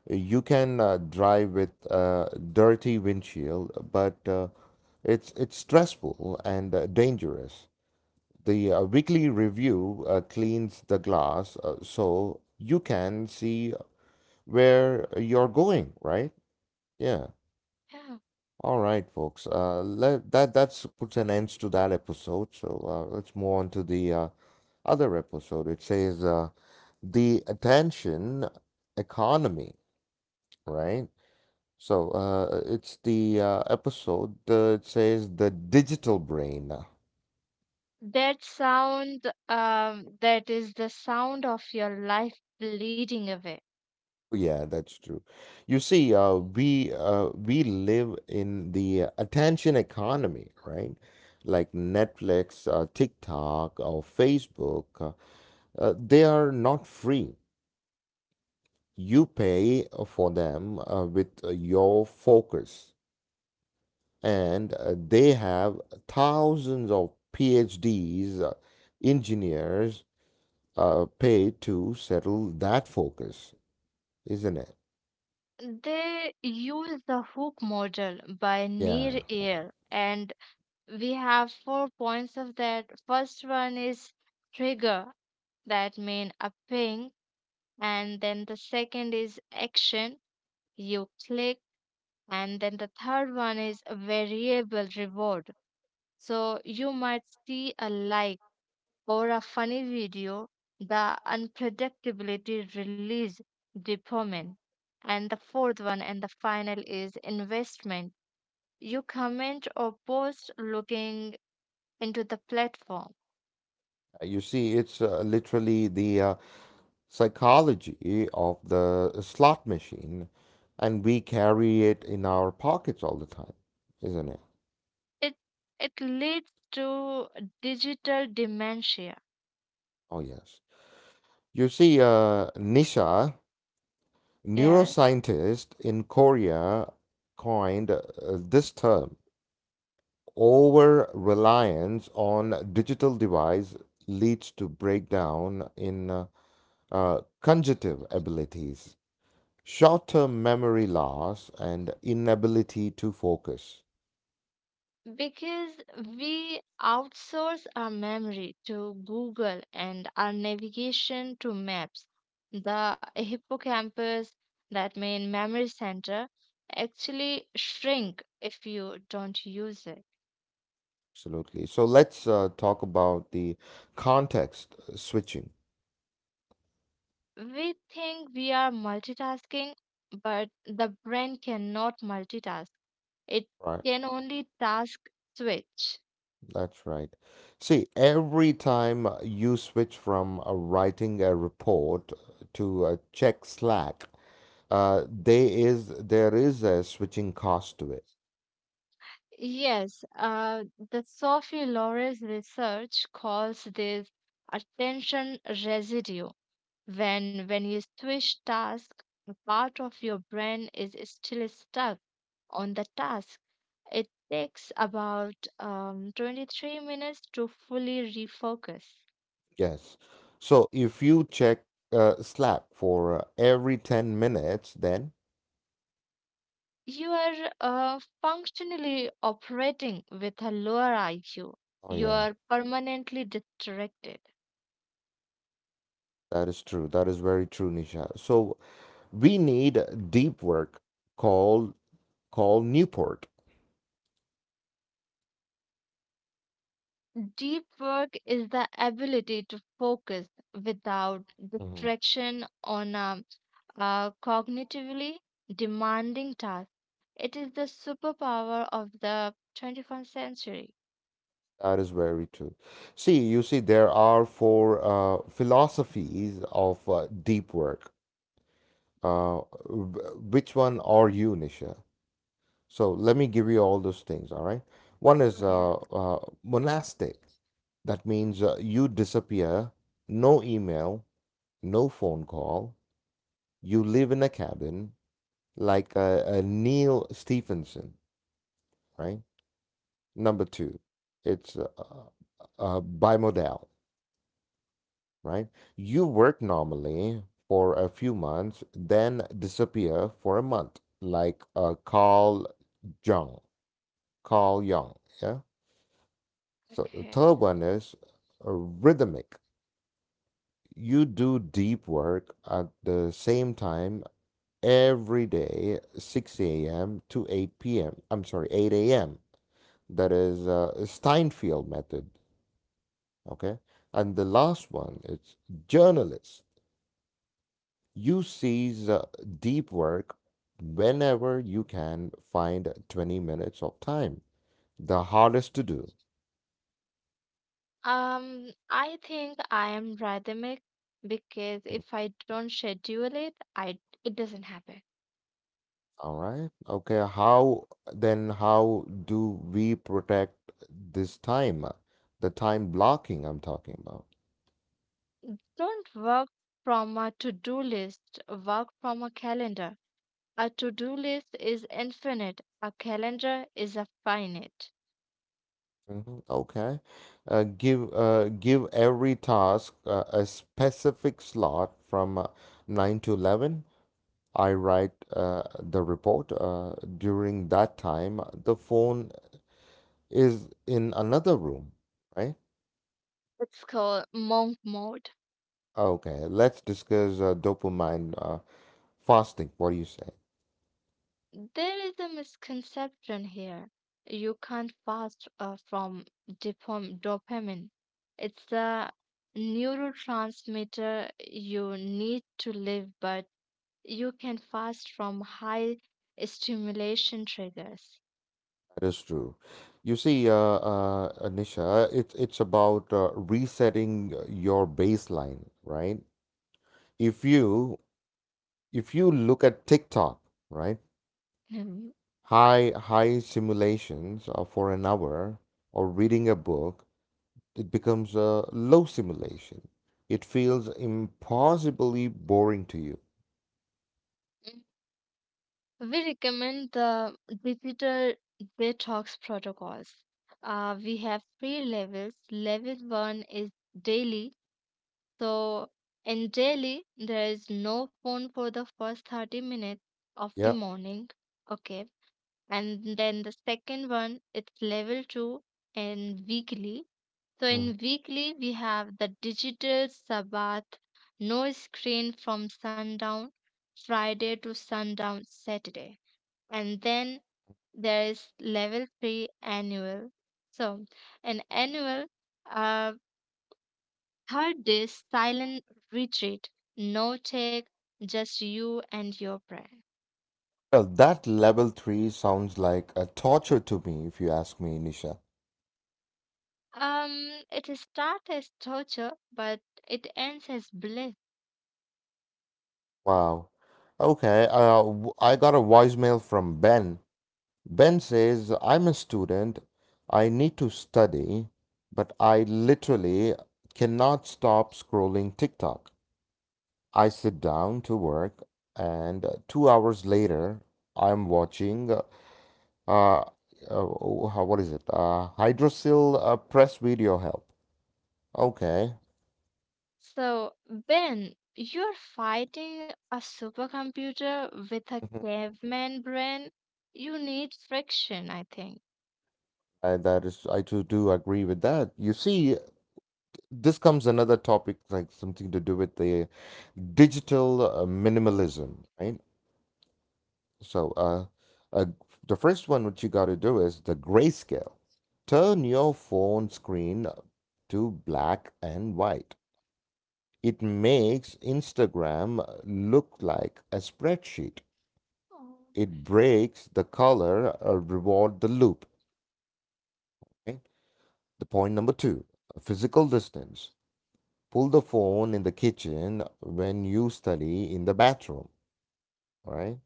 S1: You can drive with a dirty windshield, but it's stressful and dangerous. The weekly review cleans the glass so you can see where you're going, right? Yeah. All right, folks. That that's puts an end to that episode. So let's move on to the other episode. It says the attention economy, right? So it's the episode. It says the digital brain.
S2: That sound, that is the sound of your life bleeding away.
S1: Yeah, that's true. You see, we live in the attention economy, right? Like Netflix, TikTok, or Facebook. They are not free. You pay for them with your focus, and they have thousands of PhDs, engineers paid to settle that focus, isn't it?
S2: They use the hook model by
S1: Yeah.
S2: Near Eyal, and we have four points of that. First one is trigger, that means a ping, and then the second is action. You click. And then the third one is a variable reward. So you might see a like or a funny video, the unpredictability release dopamine. And the fourth one and the final is investment. You comment or post looking into the platform.
S1: You see, it's literally the psychology of the slot machine, and we carry it in our pockets all the time, isn't it?
S2: It it leads to digital dementia.
S1: Oh, yes. You see, Nisha,
S2: Yes.
S1: neuroscientists in Korea coined this term. Over reliance on digital device leads to breakdown in conjunctive abilities, short term memory loss, and inability to focus.
S2: Because we outsource our memory to Google and our navigation to maps. The hippocampus, that main memory center, actually shrink if you don't use it.
S1: Absolutely. So let's talk about the context switching,
S2: We think we are multitasking, but the brain cannot multitask. It
S1: right?
S2: can only task switch.
S1: That's right. See, every time you switch from writing a report to check Slack, there is a switching cost to it.
S2: Yes, uh, the Sophie Loris research calls this attention residue. When you switch task, a part of your brain is still stuck on the task. It takes about 23 minutes to fully refocus.
S1: Yes. So if you check Slack for every 10 minutes, then
S2: You are functionally operating with a lower IQ.
S1: oh
S2: You
S1: yeah,
S2: are permanently distracted.
S1: that is true. That is very true, Nisha. So we need deep work called called Newport.
S2: Deep work is the ability to focus without
S1: Mm-hmm.
S2: distraction on a cognitively demanding task. It is the superpower of the 21st century.
S1: That is very true. See, you see, there are four philosophies of deep work. Uh, which one are you, Nisha? So let me give you all those things, all right? One is
S2: Okay.
S1: monastic. That means you disappear, no email, no phone call. You live in a cabin like Neil Stephenson, right? Number two, it's bimodal, right? You work normally for a few months, then disappear for a month, like Carl Jung. Carl Jung, yeah? So the
S2: Okay.
S1: third one is rhythmic. You do deep work at the same time every day, 6 a.m. to 8 p.m. I'm sorry, 8 a.m. That is Steinfeld method, okay? And the last one is journalist. You seize deep work whenever you can find 20 minutes of time. The hardest to do.
S2: I think I am rhythmic because
S1: Mm.
S2: if I don't schedule it, I it doesn't happen.
S1: All right. Okay. How do we protect this time? The time blocking I'm talking about.
S2: Don't work from a to-do list, work from a calendar. A to do list is infinite, a calendar is a finite.
S1: Mhm. Okay. Give every task a specific slot from 9 to 11. I write the report. During that time, the phone is in another room, right?
S2: It's called monk mode.
S1: Oh, okay, let's discuss dopamine fasting. What do you say?
S2: There is a misconception here. You can't fast from dopamine, it's a neurotransmitter you need to live, but you can fast from high stimulation triggers.
S1: That is true. You see, Nisha, it's about resetting your baseline, right? If you if you look at TikTok, right, high simulations for an hour or reading a book, it becomes a low simulation. It feels impossibly boring to you.
S2: We recommend the digital detox protocols. We have three levels. Level one is daily. So, in daily, there is no phone for the first 30 minutes of the
S1: Yeah.
S2: morning. Okay. And then the second one, it's level two and weekly. So, in weekly, we have the digital Sabbath, no screen from sundown, Friday to sundown, Saturday. And then there is level 3, annual. So an annual uh, third day silent retreat, no tech, just you and your prayer.
S1: Well, that level three sounds like a torture to me, if you ask me, Nisha.
S2: um it starts as torture, but it ends as bliss.
S1: Wow. Okay, I got a voicemail from Ben. Ben says, I'm a student. I need to study, but I literally cannot stop scrolling TikTok. I sit down to work, and 2 hours later, I'm watching, uh, what is it? Hydrocele press video help. Okay.
S2: So Ben, you're fighting a supercomputer with a caveman brain. You need friction, I think.
S1: That is, I too do agree with that. You see, this comes another topic, like something to do with the digital minimalism, right? So, uh, the first one what you got to do is the grayscale. Turn your phone screen to black and white. It makes Instagram look like a spreadsheet.
S2: Oh.
S1: It breaks the color, reward the loop. Okay? The point number two, physical distance. Pull the phone in the kitchen when you study in the bathroom. All right.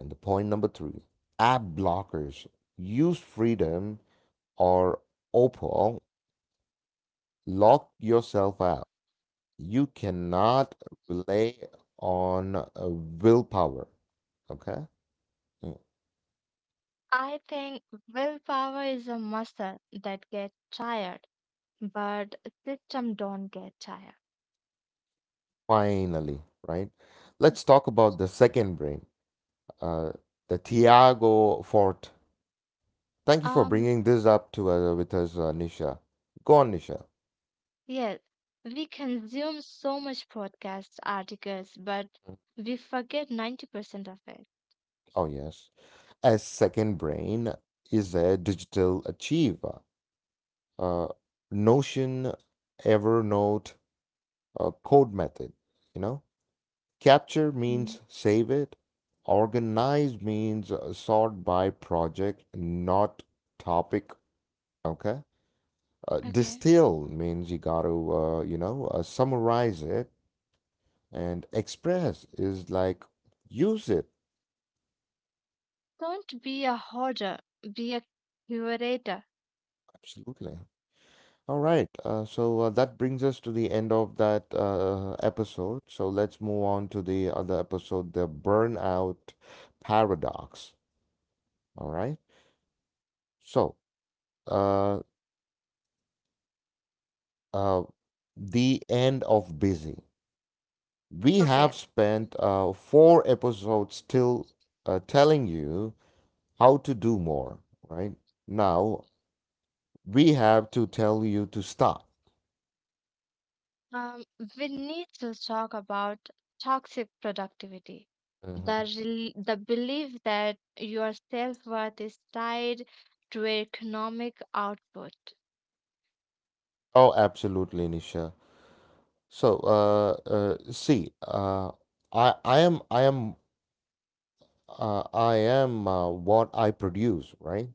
S1: And the point number three, app blockers. Use Freedom or Opal. Lock yourself out. You cannot rely on willpower. Okay. Mm.
S2: I think willpower is a muscle that gets tired, but system don't get tired.
S1: Finally, right? Let's talk about the second brain, uh, the Tiago Fort. Thank you for
S2: Um,
S1: bringing this up to with us, Nisha. Go on, Nisha.
S2: yes, we consume so much podcast articles, but
S1: Mm.
S2: we forget 90% of it.
S1: Oh, yes. A second brain is a digital achieve. Uh, Notion, Evernote, code method. You know, capture
S2: Mm.
S1: means save it. Organize means sort by project, not topic. Okay.
S2: Okay.
S1: Distill means you got to, you know, summarize it. And express is like use it.
S2: Don't be a hoarder, be a curator.
S1: Absolutely. All right. That brings us to the end of that episode. So let's move on to the other episode, the burnout paradox. All right. So uh, uh, the end of busy. We
S2: Okay.
S1: have spent four episodes still telling you how to do more. Right now, we have to tell you to stop.
S2: Um, we need to talk about toxic productivity.
S1: Mhm.
S2: The belief that your self worth is tied to economic output.
S1: Oh, absolutely, Nisha. So, see, I, I am, I am, I am what I produce, right?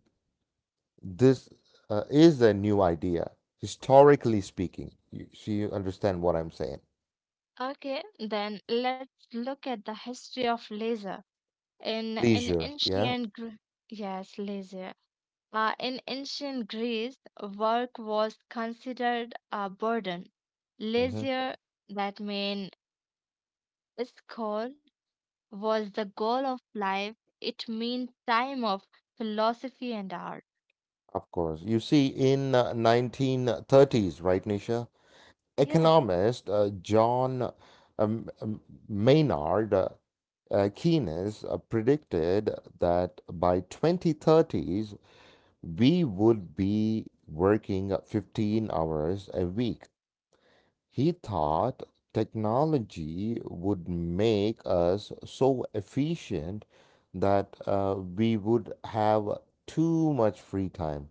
S1: This is a new idea, historically speaking. You, so you understand what I'm saying?
S2: Okay, then let's look at the history of laser. In
S1: Leisure, yeah.
S2: ancient Gr- yes, laser. In ancient Greece, work was considered a burden.
S1: Hmm.
S2: Leisure, that mean school, was the goal of life. It meant time of philosophy and art.
S1: Of course. You see, in 1930s, right, Nisha?
S2: Yeah.
S1: Economist John um, um, Maynard Keynes predicted that by 2030s we would be working 15 hours a week. He thought technology would make us so efficient that we would have too much free time.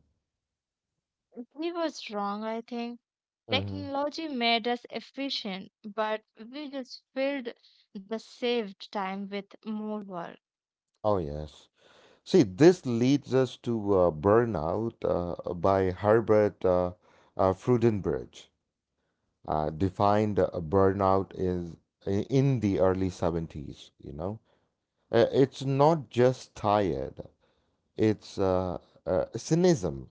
S2: He was wrong, I think.
S1: Hmm.
S2: Technology made us efficient, but we just filled the saved time with more work.
S1: Oh, yes. See, this leads us to Burnout by Herbert Frudenbridge, defined burnout is in the early 70s, you know? It's not just tired, it's cynism,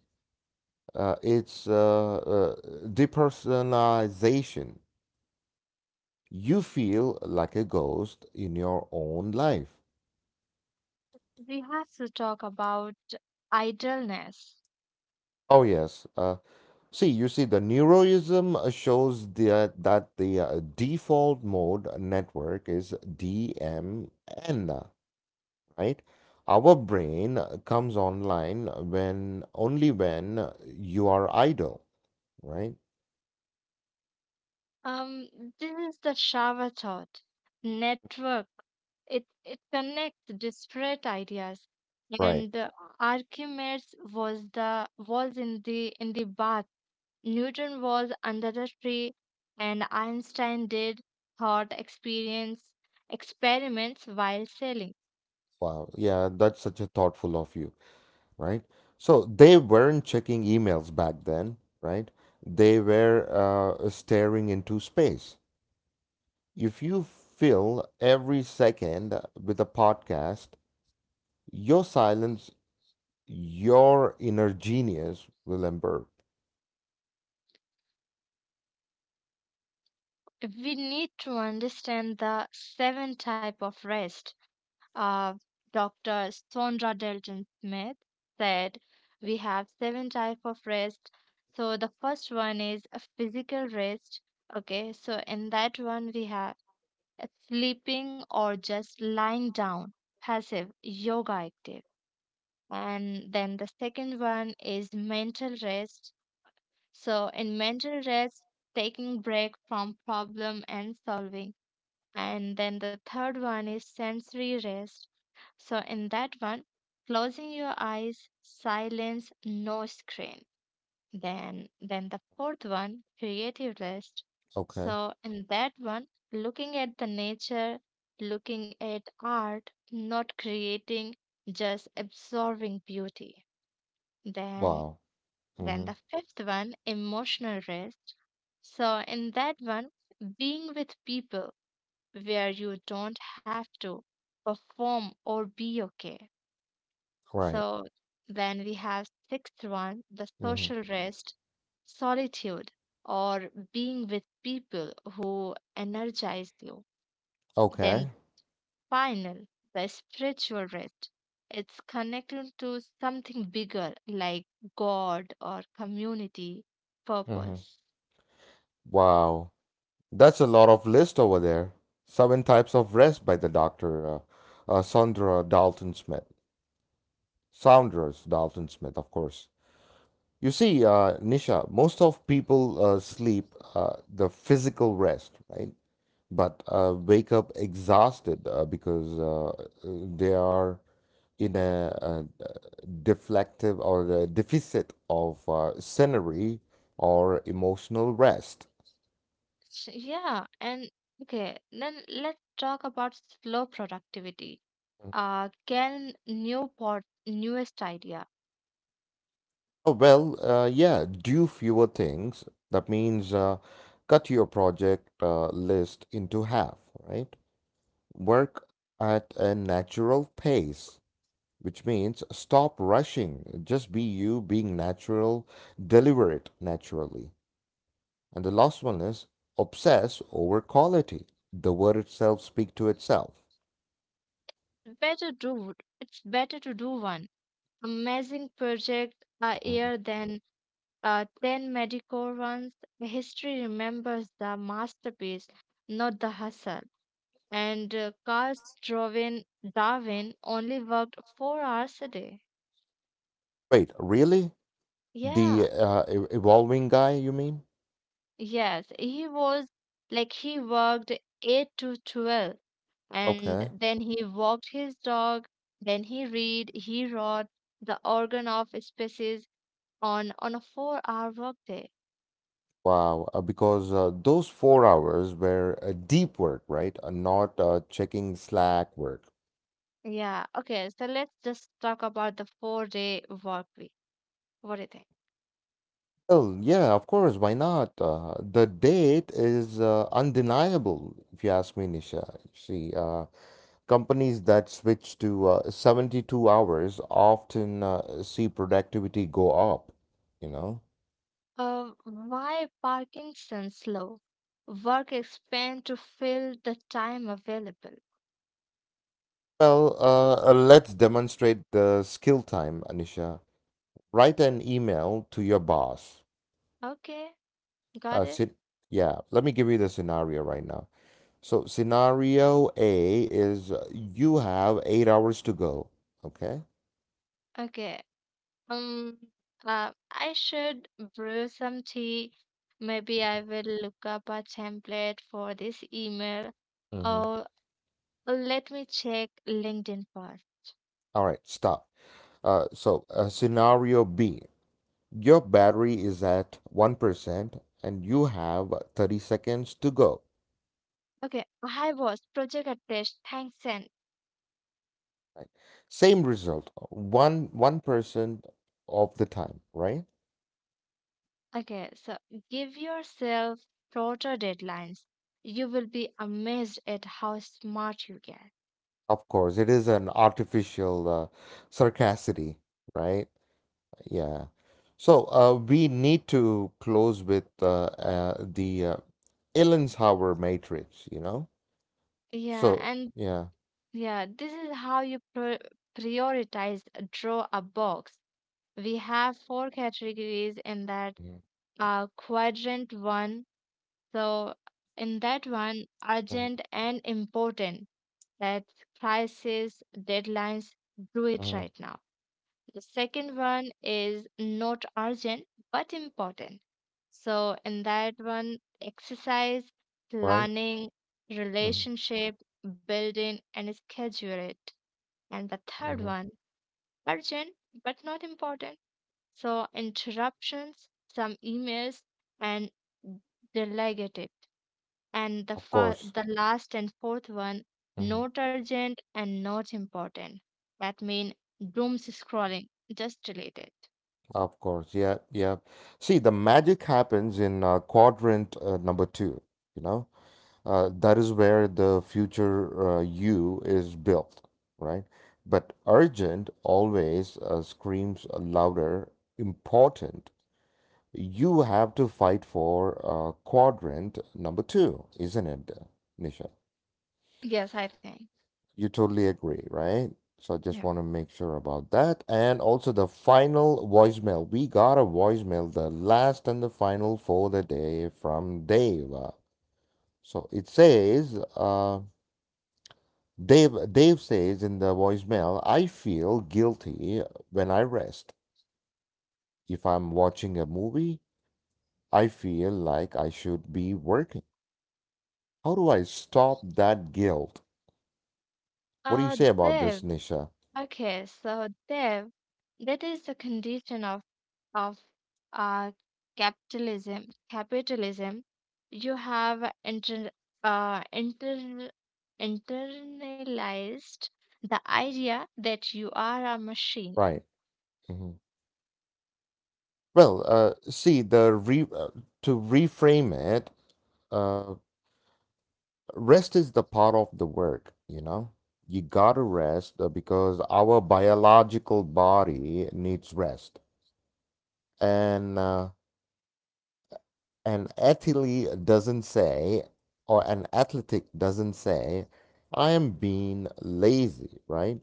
S1: it's depersonalization. You feel like a ghost in your own life.
S2: We have to talk about idleness.
S1: Oh, yes. See, you see, the neuroism shows the, that the default mode network is DMN, right? Our brain comes online when only when you are idle, right?
S2: Um, this is the shower thought. Network. It connects disparate ideas,
S1: Right.
S2: and Archimedes was in the bath, Newton was under the tree, and Einstein did thought experience experiments while sailing.
S1: Wow. Yeah, that's such a thoughtful of you, right? So they weren't checking emails back then, right? They were staring into space. If you fill every second with a podcast, your silence, your inner genius will emerge.
S2: We need to understand the seven type of rest. Uh, Dr. Sondra Dalton Smith said we have seven type of rest. So the first one is a physical rest. Okay, so in that one we have sleeping or just lying down, passive yoga activity. And then the second one is mental rest. So in mental rest, taking break from problem and solving. And then the third one is sensory rest. So in that one, closing your eyes, silence, no screen. Then the fourth one, creative rest.
S1: Okay.
S2: So in that one, looking at the nature, looking at art, not creating, just absorbing beauty. then
S1: Wow.
S2: then
S1: Mm-hmm.
S2: the fifth one, emotional rest. So in that one, being with people where you don't have to perform or be okay.
S1: Right.
S2: So then we have sixth one, the
S1: Mm-hmm.
S2: social rest, solitude or being with people who energize you.
S1: Okay.
S2: Then final, the spiritual rest. It's connected to something bigger like God or community
S1: Mm-hmm.
S2: purpose.
S1: Wow. That's a lot of list over there. Seven types of rest by the doctor, Sandra Dalton Smith. Saunders Dalton Smith, of course. You see, Nisha, most of people sleep the physical rest, right? But wake up exhausted because they are in a, deflective or a deficit of scenery or emotional rest.
S2: So, yeah, and okay, then let's talk about slow productivity. Can new pot Newest idea,
S1: Oh, well, yeah, do fewer things. That means cut your project list into half, right? Work at a natural pace, which means stop rushing. Just be you being natural, deliver it naturally. And the last one is obsess over quality. The word itself speak to itself.
S2: better do it's better to do one amazing project a
S1: Mhm.
S2: year than 10 mediocre ones. History remembers the masterpiece, not the hustle. And Darwin only worked 4 hours a day.
S1: Wait, really?
S2: Yeah,
S1: The evolving guy, you mean?
S2: yes, he was like he worked 8 to 12 and
S1: Okay.
S2: then he walked his dog, then he read, he wrote the organ of species on a 4 hour workday.
S1: Wow, because those 4 hours were deep work, right? Not checking Slack work.
S2: Yeah, okay, so let's just talk about the 4 day work week. What do you think?
S1: Well, yeah, of course, why not? The date is undeniable, if you ask me, Nisha. See, companies that switch to 72 hours often see productivity go up, you know?
S2: Why Parkinson's law? Work expand to fill the time available.
S1: Well, let's demonstrate the skill time, Anisha. Write an email to your boss.
S2: Okay, got it.
S1: Sit, yeah, let me give you the scenario right now. So, scenario A is you have 8 hours to go. Okay.
S2: Okay. Um, I should brew some tea. Maybe I will look up a template for this email.
S1: Mm-hmm.
S2: Or let me check LinkedIn first.
S1: All right, stop. Scenario B, your battery is at 1% and you have 30 seconds to go.
S2: Okay. Hi boss, project attached. Thanks and
S1: Right? Same result, one, 1% of the time, right?
S2: Okay, so give yourself shorter deadlines. You will be amazed at how smart you get.
S1: Of course, it is an artificial sarcasticity, right? Yeah. So we need to close with the Eisenhower matrix, you know?
S2: Yeah,
S1: So,
S2: and
S1: yeah.
S2: yeah, this is how you prioritize. Draw a box. We have four categories in that quadrant one. So, in that one,
S1: Mm-hmm.
S2: urgent and important. That's crisis, deadlines, do it
S1: Hmm.
S2: right now. The second one is not urgent but important. So, in that one, exercise,
S1: Right?
S2: planning, relationship, building, and schedule it. And the third
S1: Mm-hmm.
S2: one, urgent but not important. So, interruptions, some emails, and delegate it. And the,
S1: Of
S2: fa-
S1: course.
S2: the last and fourth one,
S1: Hmm.
S2: not urgent and not important. That means doom scrolling, just delete it.
S1: Of course. Yeah. Yeah. See, the magic happens in quadrant number two, you know? That is where the future you is built, right? But urgent always screams louder, important you have to fight for quadrant number two, isn't it, Nisha?
S2: Yes, I think.
S1: You totally agree, right? So I just
S2: Yeah.
S1: want to make sure about that. And also the final voicemail. We got a voicemail, the last and the final for the day from Dave. So it says, Dave says in the voicemail, I feel guilty when I rest. If I'm watching a movie, I feel like I should be working. How do I stop that guilt? What do you say about
S2: Dev.
S1: this, Nisha?
S2: Okay, so Dev, that is the condition of of uh capitalism. Capitalism. You have uh inter internalized the idea that you are a machine.
S1: Right. Hmm. Well, see, the re to reframe it, uh, rest is the part of the work, you know? You gotta rest because our biological body needs rest. And an athlete doesn't say, or an athletic doesn't say, I am being lazy, right?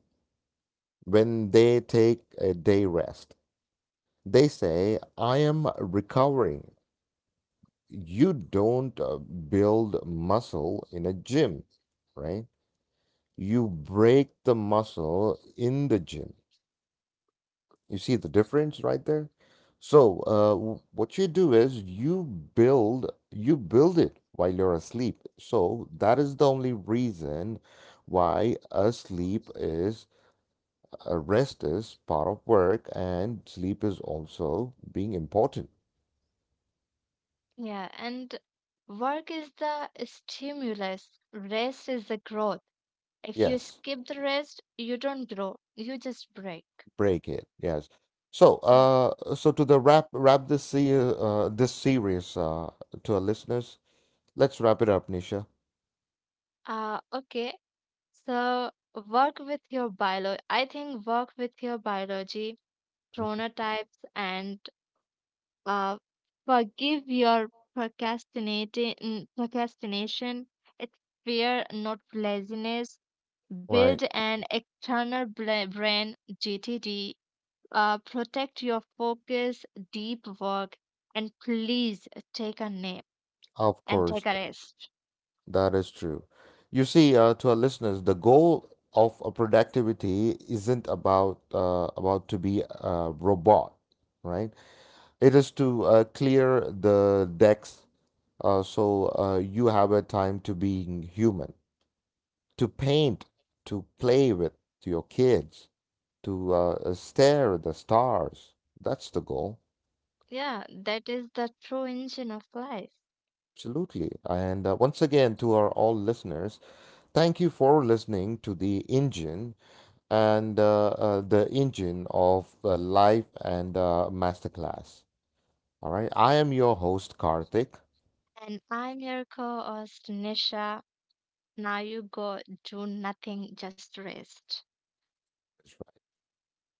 S1: When they take a day rest, they say, I am recovering. You don't build muscle in a gym, right? You break the muscle in the gym. You see the difference right there? So, what you do is you build it while you're asleep. So that is the only reason why a sleep is a rest is part of work and sleep is also being important.
S2: Yeah, and work is the stimulus. Rest is the growth. If you
S1: Yes.
S2: skip the rest, you don't grow. You just break.
S1: Break it. Yes. So,
S2: Yeah.
S1: so to the wrap wrap this this series to our listeners, let's wrap it up, Nisha.
S2: Okay. So work with your biolo. I think work with your biology,
S1: Mhm.
S2: chronotypes, and uh, forgive your procrastination. It's fear, not laziness. Build
S1: Right.
S2: an external brain (GTD). Protect your focus, deep work, and please take a nap
S1: Of
S2: and
S1: course,
S2: take a rest.
S1: that is true. You see, to our listeners, the goal of a productivity isn't about to be a robot, right? It is to clear the decks so you have a time to being human, to paint, to play with your kids, to stare at the stars. That's the goal.
S2: Yeah, that is the true engine of life.
S1: Absolutely. And once again, to our all listeners, thank you for listening to the engine and the engine of life and masterclass. All right. I am your host, Karthik.
S2: And I'm your co host, Nisha. Now you go do nothing, just rest.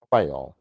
S1: Bye, all.